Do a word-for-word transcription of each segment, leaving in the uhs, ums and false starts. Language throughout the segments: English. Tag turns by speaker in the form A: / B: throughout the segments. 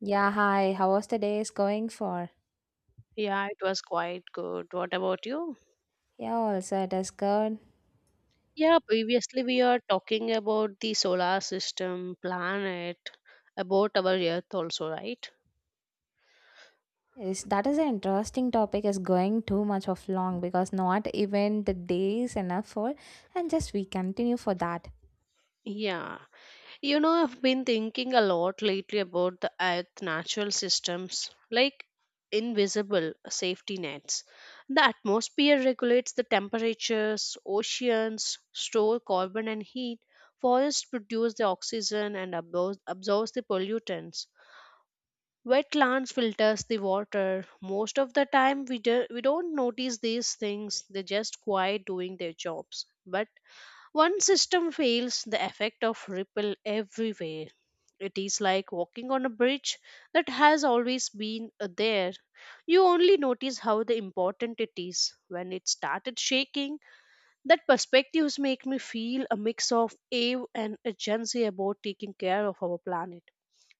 A: Yeah, hi. How was the day is going for?
B: Yeah, it was quite good. What about you?
A: Yeah, also it is good.
B: Yeah, previously we are talking about the solar system, planet, about our Earth also, right?
A: Is that is an interesting topic is going too much of long because not even the day is enough for and just we continue for that.
B: Yeah. You know, I've been thinking a lot lately about the Earth natural systems, like invisible safety nets. The atmosphere regulates the temperatures, oceans store carbon and heat, forests produce the oxygen and absor- absorbs the pollutants. Wetlands filters the water. Most of the time, we, do, we don't notice these things. They just quiet doing their jobs. But one system fails, the effect of ripple everywhere. It is like walking on a bridge that has always been uh, there. You only notice how the important it is. When it started shaking, that perspectives make me feel a mix of awe and urgency about taking care of our planet.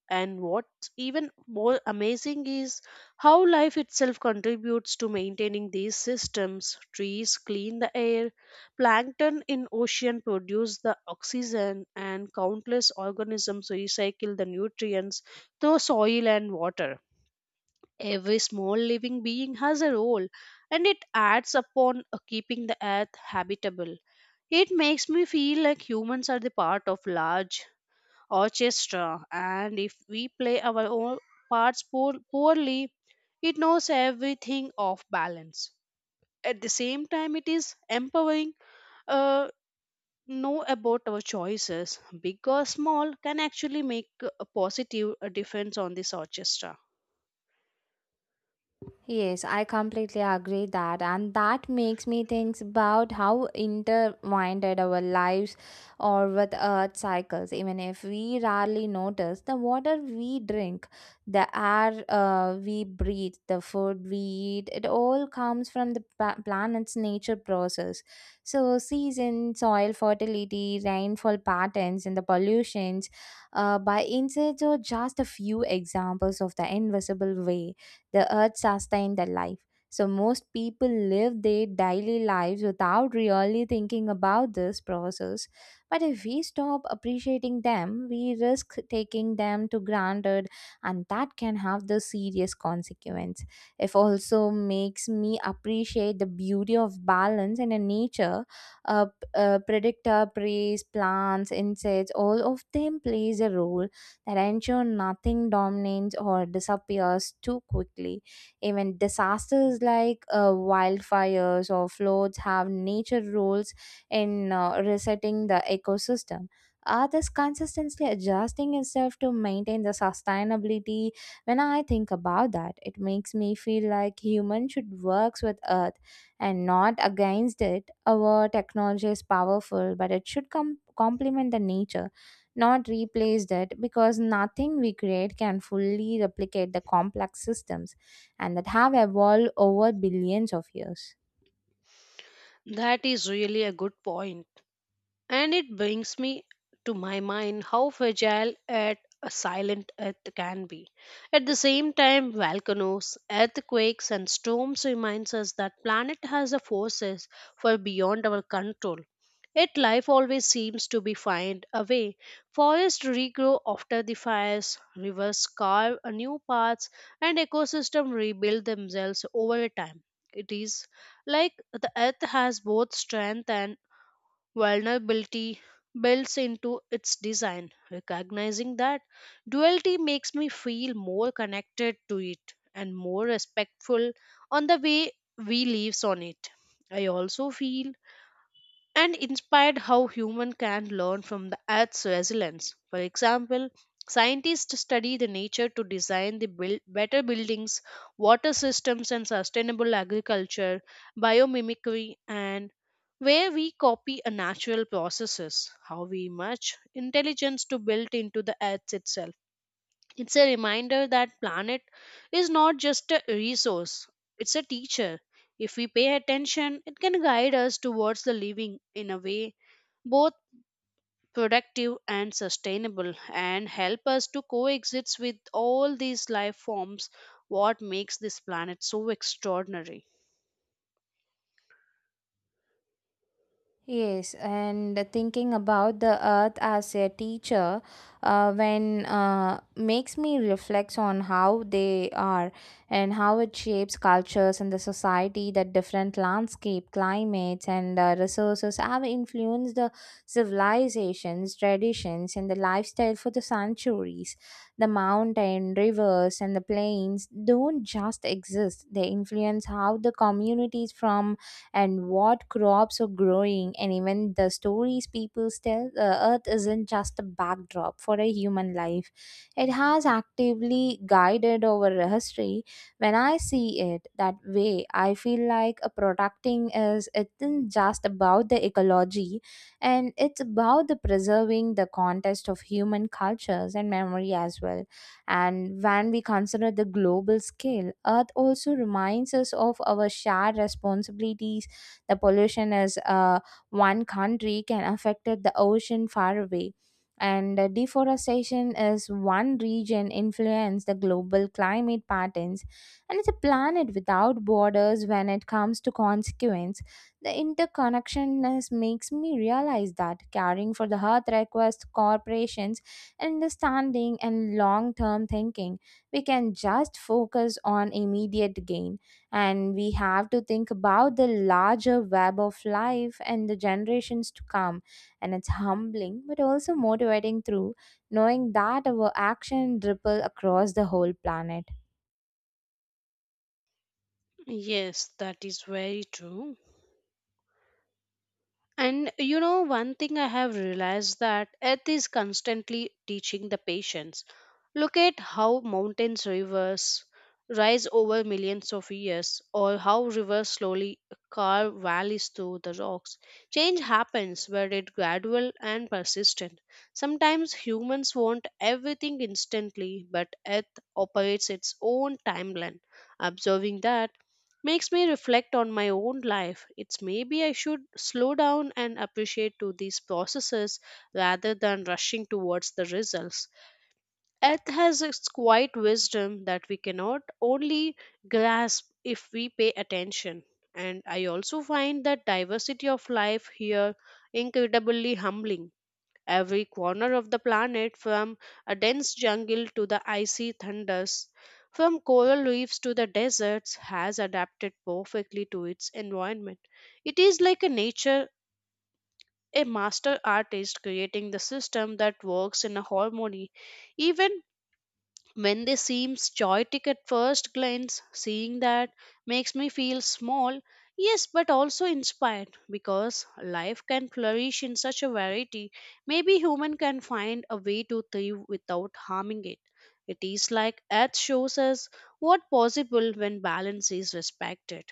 B: And what's even more amazing is how life itself contributes to maintaining these systems. Trees clean the air, plankton in ocean produce the oxygen, and countless organisms recycle the nutrients through soil and water. Every small living being has a role, and it adds upon uh, keeping the earth habitable. It makes me feel like humans are the part of large orchestra, and if we play our own parts poor, poorly it knows everything off balance. At the same time it is empowering, uh, know about our choices big or small can actually make a positive uh, difference on this orchestra.
A: Yes, I completely agree that, and that makes me think about how intertwined our lives are with earth cycles. Even if we rarely notice, the water we drink, the air uh, we breathe, the food we eat, it all comes from the pa- planet's nature process. So, season, soil fertility, rainfall patterns, and the pollutions uh, by insects are just a few examples of the invisible way the earth sustained their life. So most people live their daily lives without really thinking about this process. But if we stop appreciating them, we risk taking them to granted, and that can have the serious consequence. It also makes me appreciate the beauty of balance in a nature. A, a predictor, prey, plants, insects, all of them plays a role that ensure nothing dominates or disappears too quickly. Even disasters like uh, wildfires or floods have nature roles in uh, resetting the ecosystem. Earth is consistently adjusting itself to maintain the sustainability. When I think about that, it makes me feel like humans should work with Earth and not against it. Our technology is powerful, but it should com- complement the nature not replaced it, because nothing we create can fully replicate the complex systems and that have evolved over billions of years.
B: That is really a good point. And it brings me to my mind how fragile at a silent earth can be. At the same time, volcanoes, earthquakes, and storms reminds us that planet has a forces far beyond our control. Yet life always seems to be find a way. Forests regrow after the fires, rivers carve a new paths, and ecosystems rebuild themselves over time. It is like the earth has both strength and vulnerability builds into its design. Recognizing that duality makes me feel more connected to it and more respectful on the way we live on it. I also feel and inspired how human can learn from the earth's resilience. For example, scientists study the nature to design the buil- better buildings, water systems and sustainable agriculture, biomimicry and where we copy a natural processes, how we merge intelligence to build into the earth itself. It's a reminder that planet is not just a resource, it's a teacher. If we pay attention, it can guide us towards the living in a way both productive and sustainable and help us to coexist with all these life forms what makes this planet so extraordinary.
A: Yes, and thinking about the earth as a teacher uh, when uh, makes me reflect on how they are and how it shapes cultures and the society that different landscape, climates, and uh, resources have influenced the civilizations, traditions, and the lifestyle for the centuries. The mountain, rivers, and the plains don't just exist; they influence how the communities from and what crops are growing and even the stories people tell the earth isn't just a backdrop for a human life. It has actively guided our history. When I see it that way, I feel like a protecting is is isn't just about the ecology, and it's about the preserving the context of human cultures and memory as well. And when we consider the global scale, earth also reminds us of our shared responsibilities. The pollution is uh, one country can affect the ocean far away. And uh, deforestation is one region influence the global climate patterns, and it's a planet without borders when it comes to consequence. The interconnectedness makes me realize that caring for the earth requires corporations, understanding, and long-term thinking. We can just focus on immediate gain, and we have to think about the larger web of life and the generations to come, and it's humbling but also motivating through knowing that our action ripple across the whole planet.
B: Yes, that is very true. And you know, one thing I have realized that Earth is constantly teaching the patience. Look at how mountains, rivers rise over millions of years, or how rivers slowly carve valleys through the rocks. Change happens, but it gradual and persistent. Sometimes humans want everything instantly, but Earth operates its own timeline. Observing that makes me reflect on my own life. It's maybe I should slow down and appreciate to these processes rather than rushing towards the results. Earth has its quiet wisdom that we cannot only grasp if we pay attention. And I also find that diversity of life here incredibly humbling. Every corner of the planet, from a dense jungle to the icy thunders, from coral reefs to the deserts, has adapted perfectly to its environment. It is like a nature, a master artist creating the system that works in a harmony even when they seem chaotic at first glance, seeing that makes me feel small, yes, but also inspired because life can flourish in such a variety. Maybe human can find a way to thrive without harming it. It is like Earth shows us what possible when balance is respected.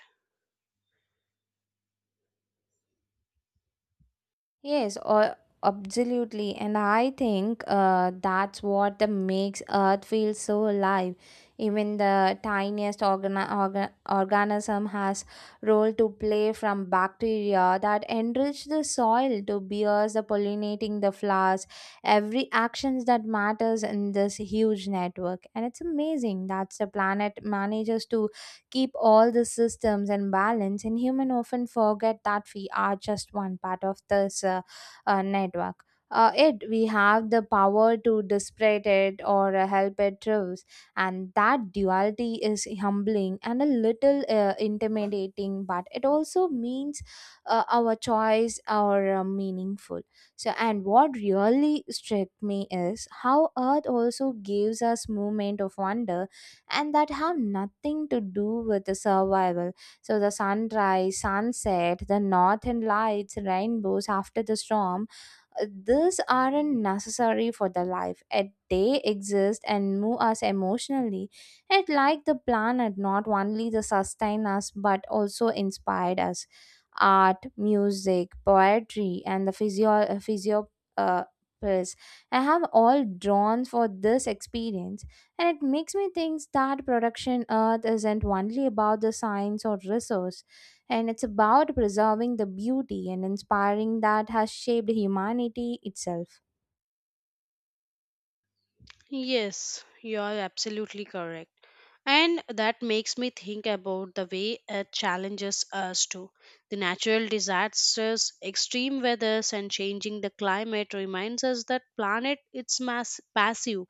A: Yes, or absolutely. And I think uh, that's what the makes Earth feel so alive. Even the tiniest organa organ- organism has role to play, from bacteria that enrich the soil to bees the pollinating the flowers. Every actions that matters in this huge network. And it's amazing that the planet manages to keep all the systems and balance, and human often forget that we are just one part of this uh, uh, network. Uh, it we have the power to disparate it or uh, help it thrives, and that duality is humbling and a little uh, intimidating, but it also means uh, our choice are uh, meaningful. So, and what really struck me is how Earth also gives us moment of wonder and that have nothing to do with the survival. So the sunrise, sunset, the northern lights, rainbows after the storm, uh, these aren't necessary for the life. Yet they exist and move us emotionally. It like the planet not only the sustain us but also inspired us. Art, music, poetry, and the physio physio uh, pills I have all drawn for this experience, and it makes me think that production earth isn't only about the science or resource, and it's about preserving the beauty and inspiring that has shaped humanity itself.
B: Yes, you are absolutely correct. And that makes me think about the way it challenges us too. The natural disasters, extreme weathers, and changing the climate reminds us that planet it's mass passive.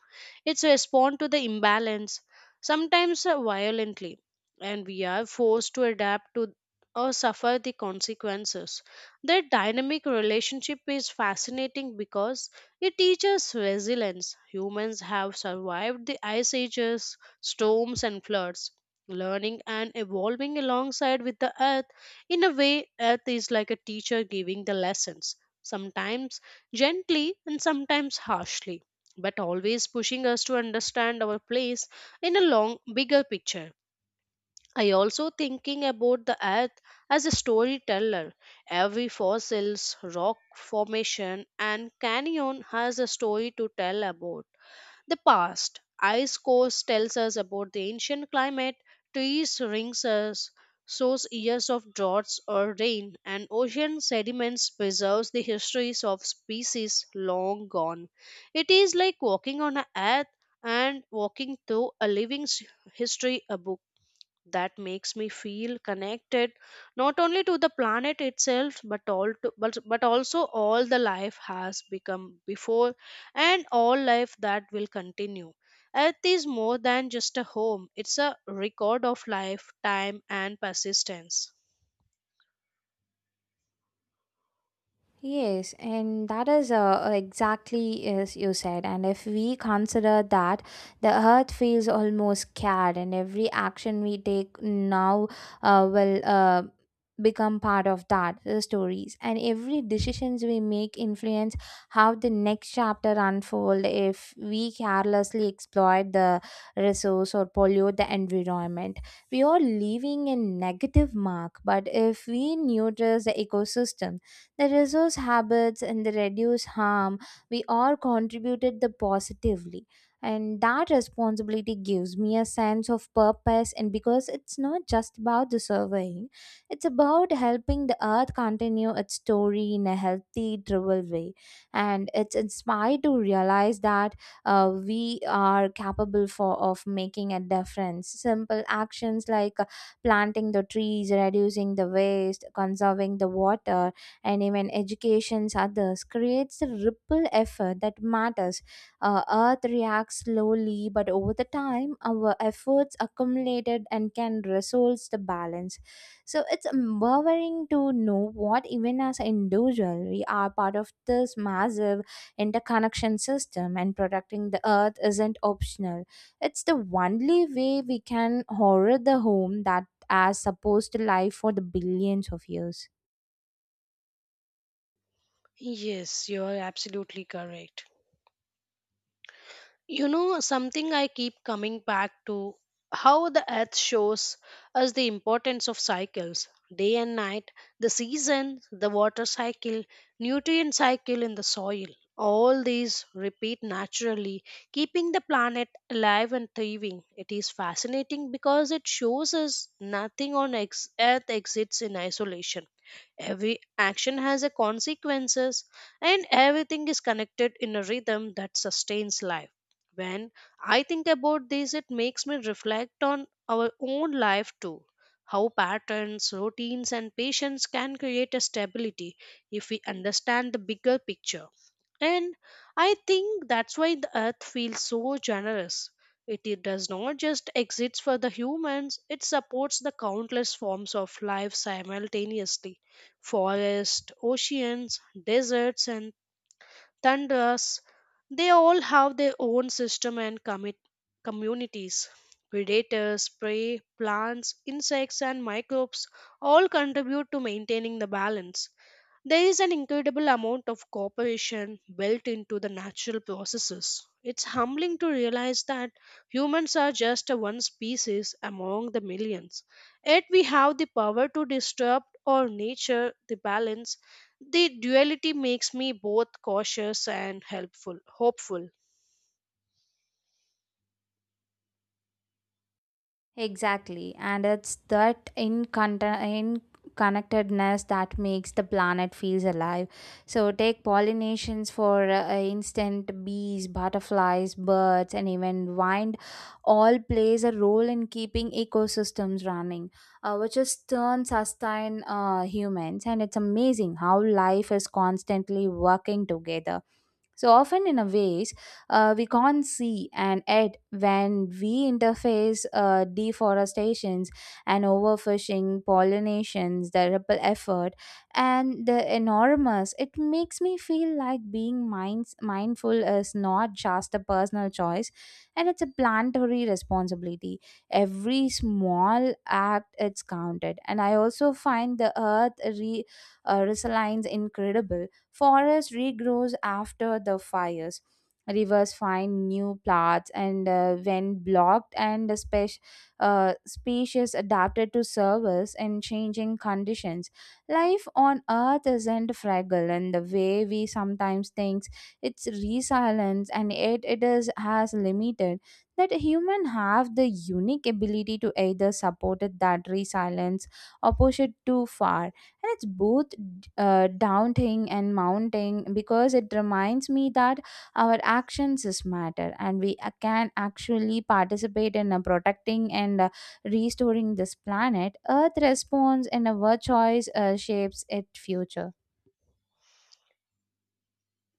B: It's respond to the imbalance, sometimes uh, violently, and we are forced to adapt to or suffer the consequences. That dynamic relationship is fascinating because it teaches resilience. Humans have survived the ice ages, storms, and floods, learning and evolving alongside with the earth. In a way, earth is like a teacher giving the lessons, sometimes gently and sometimes harshly, but always pushing us to understand our place in a long, bigger picture. I also thinking about the earth as a storyteller. Every fossils, rock formation and canyon has a story to tell about the past. Ice cores tells us about the ancient climate, trees rings us shows years of droughts or rain, and ocean sediments preserves the histories of species long gone. It is like walking on a earth and walking through a living s- history a book that makes me feel connected not only to the planet itself but all to, but, but also all the life has become before and all life that will continue. Earth is more than just a home, it's a record of life time and persistence.
A: Yes, and that is uh, exactly as you said. And if we consider that the earth feels almost scared, and every action we take now uh, will uh, become part of that the stories, and every decisions we make influence how the next chapter unfold. If we carelessly exploit the resource or pollute the environment, we are leaving a negative mark. But if we notice the ecosystem the resource habits and the reduce harm, we all contributed the positively. And that responsibility gives me a sense of purpose, and because it's not just about the surveying, it's about helping the earth continue its story in a healthy, driven way. And it's inspired to realize that uh, we are capable for of making a difference. Simple actions like uh, planting the trees, reducing the waste, conserving the water, and even educations others creates a ripple effect that matters. Uh, Earth reacts slowly, but over the time, our efforts accumulated and can resolve the balance. So it's empowering to know what even as an individual we are part of this massive interconnection system, and protecting the Earth isn't optional. It's the only way we can horror the home that has supposed to live for the billions of years.
B: Yes, you are absolutely correct. You know, something I keep coming back to, how the earth shows us the importance of cycles, day and night, the season, the water cycle, nutrient cycle in the soil. All these repeat naturally, keeping the planet alive and thriving. It is fascinating because it shows us nothing on ex- earth exists in isolation. Every action has a consequences and everything is connected in a rhythm that sustains life. When I think about this, it makes me reflect on our own life too. How patterns, routines, and patience can create a stability if we understand the bigger picture. And I think that's why the earth feels so generous. It, it does not just exist for the humans, it supports the countless forms of life simultaneously, forests, oceans, deserts, and tundras, they all have their own system and commit communities. Predators, prey, plants, insects, and microbes all contribute to maintaining the balance. There is an incredible amount of cooperation built into the natural processes. It's humbling to realize that humans are just a one species among the millions. Yet we have the power to disrupt or nature the balance. The duality makes me both cautious and helpful, hopeful.
A: Exactly, and it's that in, in connectedness that makes the planet feels alive. So take pollinations for uh, instant bees, butterflies, birds, and even wind all plays a role in keeping ecosystems running, uh, which is turns sustain uh, humans. And it's amazing how life is constantly working together. So often in a ways uh, we can't see, and yet when we interface uh, deforestations and overfishing pollinations the ripple effort and the enormous, it makes me feel like being minds mindful is not just a personal choice, and it's a planetary responsibility. Every small act it's counted. And I also find the earth re, uh, resilience incredible. Forest regrows after the fires, rivers find new plants and uh, when blocked, and the spec- uh, species adapted to service in changing conditions. Life on earth isn't fragile in the way we sometimes think. It's resilience, and yet it is as limited that human have the unique ability to either support it that resilience or push it too far, and it's both uh, daunting and mounting because it reminds me that our actions is matter, and we uh, can actually participate in uh, protecting and uh, restoring this planet. Earth responds and our choice uh, shapes its future.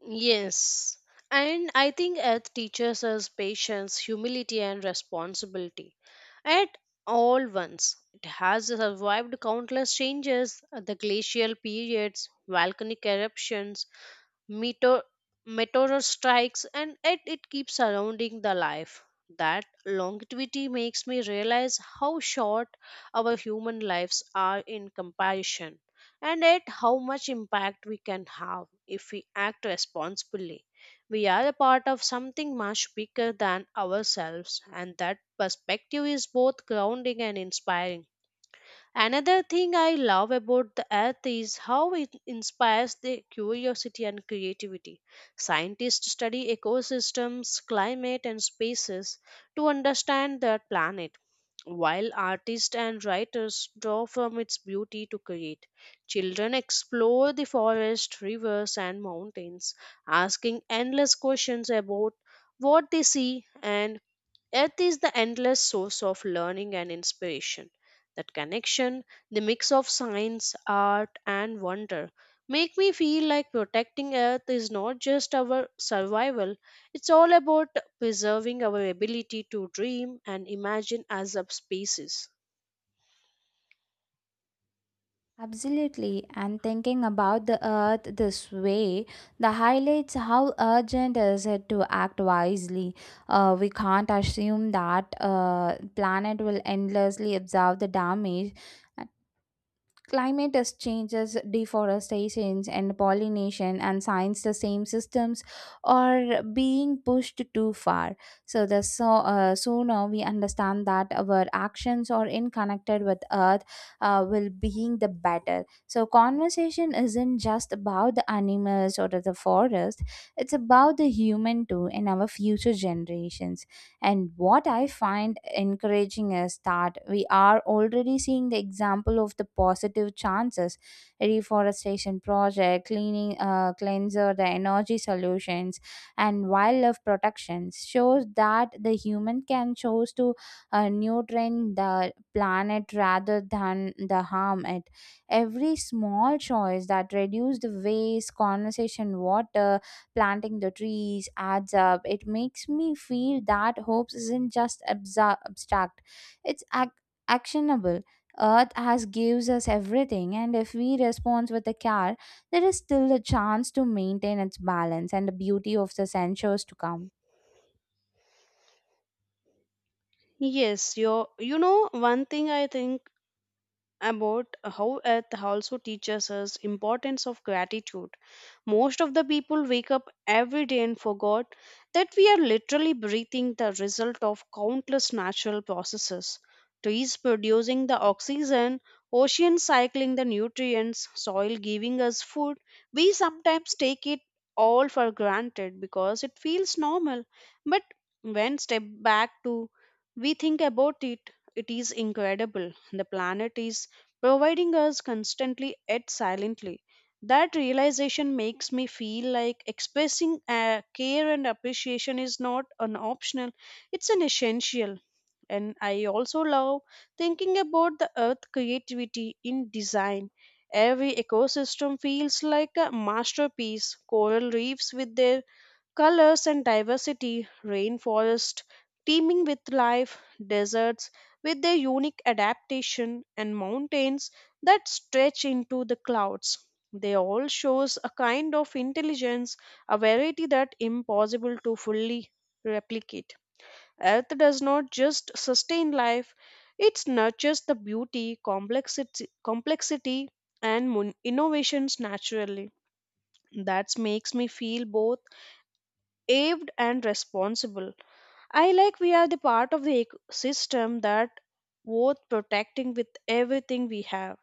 B: Yes. And I think Earth teaches us patience, humility, and responsibility at all once. It has survived countless changes, the glacial periods, volcanic eruptions, meteor, meteor strikes, and yet it keeps surrounding the life. That longevity makes me realize how short our human lives are in comparison, and yet how much impact we can have if we act responsibly. We are a part of something much bigger than ourselves, and that perspective is both grounding and inspiring. Another thing I love about the earth is how it inspires the curiosity and creativity. Scientists study ecosystems, climate, and spaces to understand their planet, while artists and writers draw from its beauty to create. Children explore the forest, rivers, and mountains, asking endless questions about what they see, and Earth is the endless source of learning and inspiration. That connection, the mix of science, art, and wonder, make me feel like protecting Earth is not just our survival, it's all about preserving our ability to dream and imagine as a species.
A: Absolutely, and thinking about the earth this way, the highlights how urgent is it to act wisely. Uh, we can't assume that uh, planet will endlessly absorb the damage. Climate is changes, deforestation, and pollination, and science the same systems are being pushed too far. So the so uh, sooner we understand that our actions are in connected with Earth, uh, will being the better. So conversation isn't just about the animals or the forest; it's about the human too and our future generations. And what I find encouraging is that we are already seeing the example of the positive chances reforestation project, cleaning uh, cleanser, the energy solutions, and wildlife protections shows that the human can choose to uh, nutrient the planet rather than the harm it. Every small choice that reduce the waste, conversation water, planting the trees adds up. It makes me feel that hopes isn't just absa- abstract, it's ac- actionable. Earth has gives us everything, and if we respond with a care, there is still a chance to maintain its balance and the beauty of the centuries to come.
B: Yes, you you know one thing I think about, how earth also teaches us importance of gratitude. Most of the people wake up every day and forgot that we are literally breathing the result of countless natural processes, trees producing the oxygen, oceans cycling the nutrients, soil giving us food. We sometimes take it all for granted because it feels normal. But when step back to we think about it, it is incredible, the planet is providing us constantly yet silently. That realization makes me feel like expressing uh, care and appreciation is not an optional, it's an essential. And I also love thinking about the earth creativity in design. Every ecosystem feels like a masterpiece. Coral reefs with their colors and diversity, rainforest teeming with life, deserts with their unique adaptation, and mountains that stretch into the clouds. They all shows a kind of intelligence, a variety that impossible to fully replicate. Earth does not just sustain life, it nurtures the beauty, complexity, complexity and mon- innovations naturally. That makes me feel both aved and responsible. I like we are the part of the ecosystem that worth protecting with everything we have.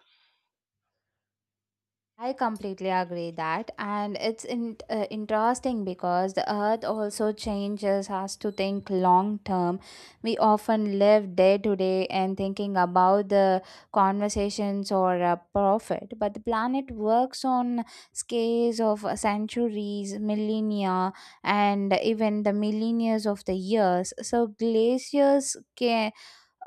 A: I completely agree that, and it's in, uh, interesting because the earth also changes us to think long term. We often live day to day and thinking about the conversations or uh, profit, but the planet works on scales of uh, centuries, millennia, and even the millennia of the years. So glaciers can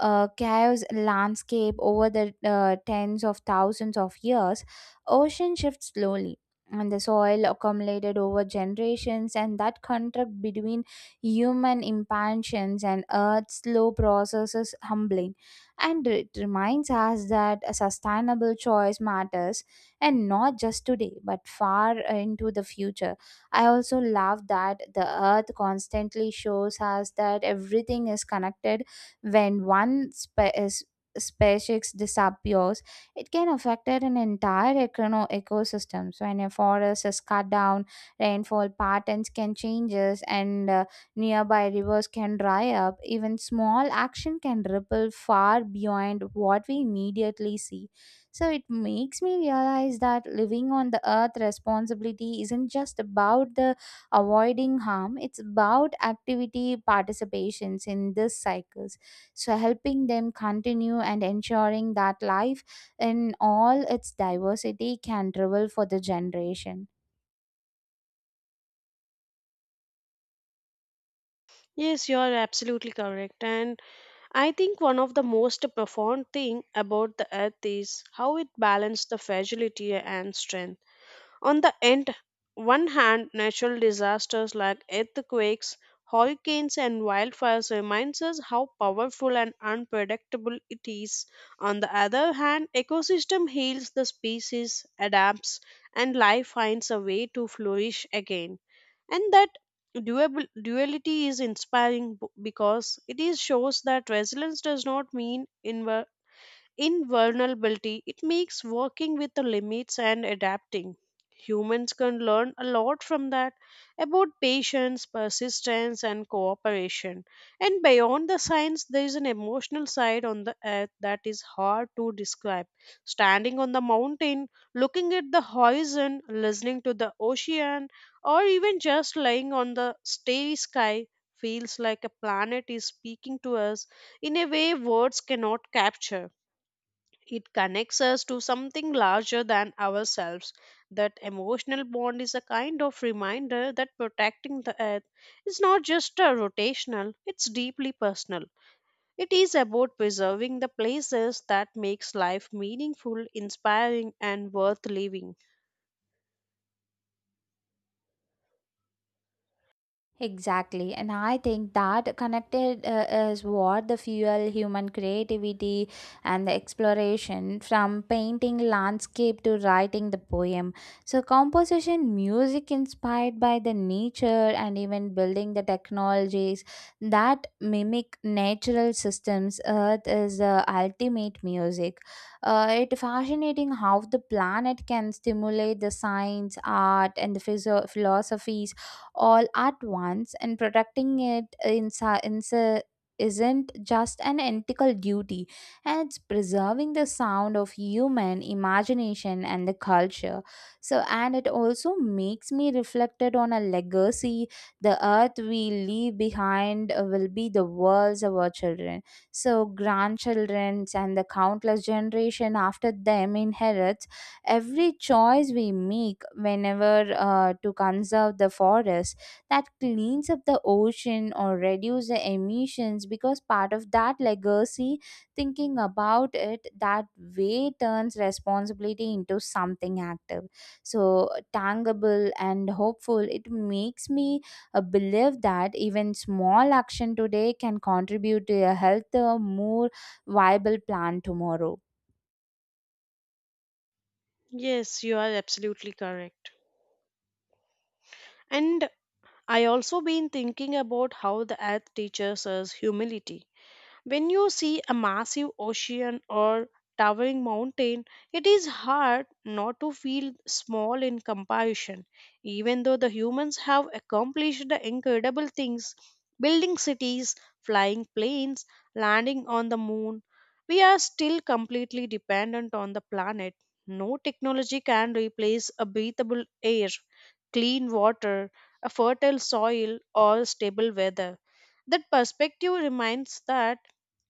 A: uh, chaos landscape over the uh, tens of thousands of years, ocean shifts slowly. And the soil accumulated over generations, and that contract between human impatience and Earth's slow process is humbling. And it reminds us that a sustainable choice matters, and not just today, but far into the future. I also love that the earth constantly shows us that everything is connected when one spe- is- species disappears, it can affect an entire econo- ecosystem. So, when a forest is cut down, rainfall patterns can changes, and uh, nearby rivers can dry up. Even small action can ripple far beyond what we immediately see. So it makes me realize that living on the earth responsibility isn't just about the avoiding harm, it's about activity participations in this cycle, so helping them continue and ensuring that life in all its diversity can revel for the generation.
B: Yes, you are absolutely correct. And I think one of the most profound thing about the earth is how it balances the fragility and strength. On the end, one hand, natural disasters like earthquakes, hurricanes, and wildfires reminds us how powerful and unpredictable it is. On the other hand, ecosystem heals the species, adapts, and life finds a way to flourish again. And that duabil- duality is inspiring b- because it is shows that resilience does not mean invulnerability, it makes working with the limits and adapting. Humans can learn a lot from that about patience, persistence, and cooperation. And beyond the science, there is an emotional side on the earth that is hard to describe. Standing on the mountain, looking at the horizon, listening to the ocean, or even just lying on the starry sky feels like a planet is speaking to us in a way words cannot capture. It connects us to something larger than ourselves. That emotional bond is a kind of reminder that protecting the earth is not just a rotational, it's deeply personal. It is about preserving the places that makes life meaningful, inspiring and worth living.
A: Exactly, and I think that connected uh, is what the fuel human creativity and the exploration, from painting landscape to writing the poem. So, composition, music inspired by the nature, and even building the technologies that mimic natural systems. Earth is the ultimate music. Uh, it fascinating how the planet can stimulate the science, art, and the physio- philosophies all at once, and protecting it insi- insi- isn't just an ethical duty, and it's preserving the sound of human imagination and the culture. So, and it also makes me reflected on a legacy the earth we leave behind uh, will be the world's of our children, so grandchildren and the countless generation after them inherits every choice we make whenever uh, to conserve the forest that cleans up the ocean or reduce the emissions because part of that legacy. Thinking about it that way turns responsibility into something active, so tangible and hopeful. It makes me uh, believe that even small action today can contribute to a healthier more viable plan tomorrow.
B: Yes, you are absolutely correct. And I also been thinking about how the earth teaches us humility. When you see a massive ocean or towering mountain, it is hard not to feel small in comparison. Even though the humans have accomplished the incredible things, building cities, flying planes, landing on the moon, we are still completely dependent on the planet. No technology can replace a breathable air, clean water, a fertile soil, or stable weather. That perspective reminds that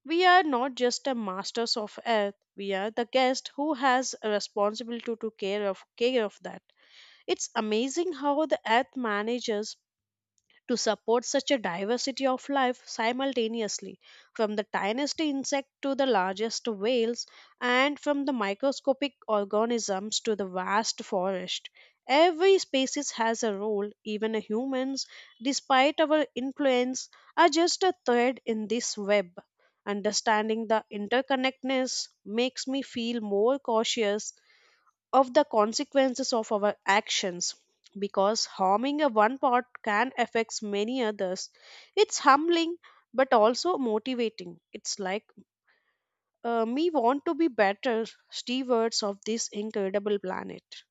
B: we are not just a masters of earth, we are the guest who has a responsibility to care of care of that. It's amazing how the earth manages to support such a diversity of life simultaneously, from the tiniest insect to the largest whales, and from the microscopic organisms to the vast forest. Every species has a role, even humans, despite our influence, are just a thread in this web. Understanding the interconnectedness makes me feel more cautious of the consequences of our actions because harming a one part can affect many others. It's humbling but also motivating. It's like uh, me want to be better stewards of this incredible planet.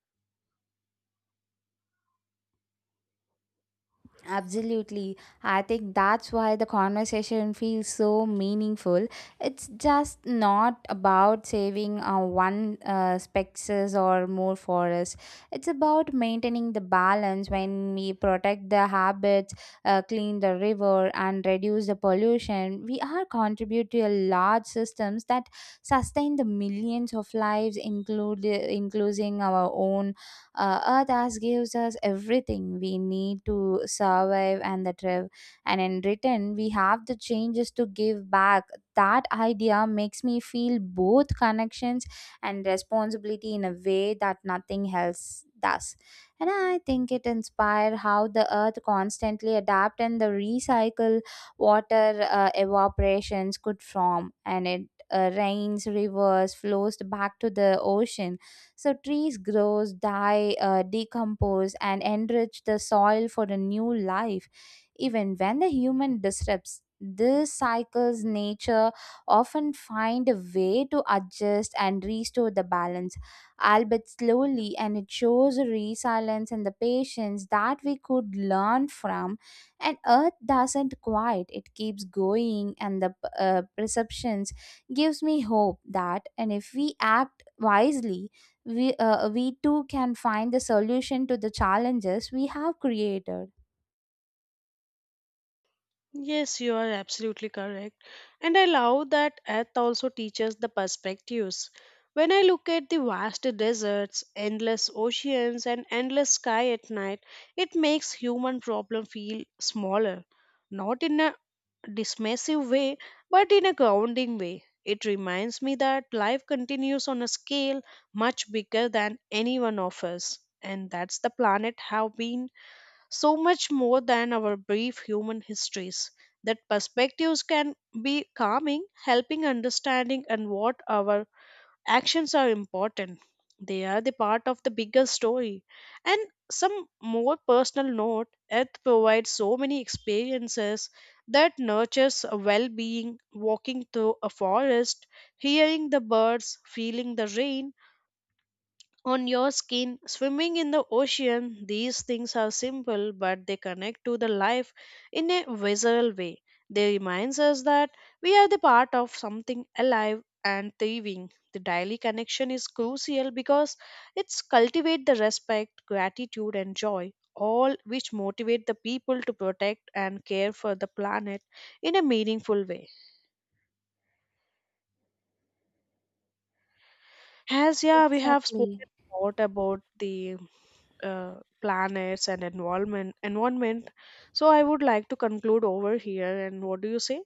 A: Absolutely. I think that's why the conversation feels so meaningful. It's just not about saving uh, one uh, species or more forests. It's about maintaining the balance when we protect the habits, uh, clean the river, and reduce the pollution. We are contribute to a large systems that sustain the millions of lives, include including our own. uh, Earth has gives us everything we need to survive and the thrive, and in return, we have the changes to give back. That idea makes me feel both connections and responsibility in a way that nothing else does. And I think it inspired how the earth constantly adapt and the recycle water, uh, evaporations could form, and it uh, rains rivers flows back to the ocean, so trees grow, die, uh, decompose, and enrich the soil for a new life. Even when the human disrupts these cycles, nature often find a way to adjust and restore the balance, albeit slowly, and it shows the resilience and the patience that we could learn from. And Earth doesn't quiet; it keeps going, and the uh, perceptions gives me hope that, and if we act wisely, we uh, we too can find the solution to the challenges we have created.
B: Yes, you are absolutely correct. And I love that Earth also teaches the perspectives. When I look at the vast deserts, endless oceans, and endless sky at night, it makes human problem feel smaller. Not in a dismissive way, but in a grounding way. It reminds me that life continues on a scale much bigger than any one of us. And that's the planet have been so much more than our brief human histories. That perspectives can be calming, helping understanding and what our actions are important. They are the part of the bigger story, and some more personal note, earth provides so many experiences that nurtures a well-being, walking through a forest, hearing the birds, feeling the rain on your skin, swimming in the ocean. These things are simple but they connect to the life in a visceral way. They reminds us that we are the part of something alive and thriving. The daily connection is crucial because it's cultivate the respect, gratitude and joy, all which motivate the people to protect and care for the planet in a meaningful way. As yeah, we have spoken
A: Exactly.
B: a lot about the uh, planets and environment. Environment. So I would like to conclude over here. And what do you say?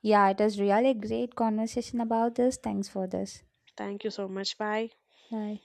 A: Yeah, it is really great conversation about this. Thanks for this.
B: Thank you so much. Bye.
A: Bye.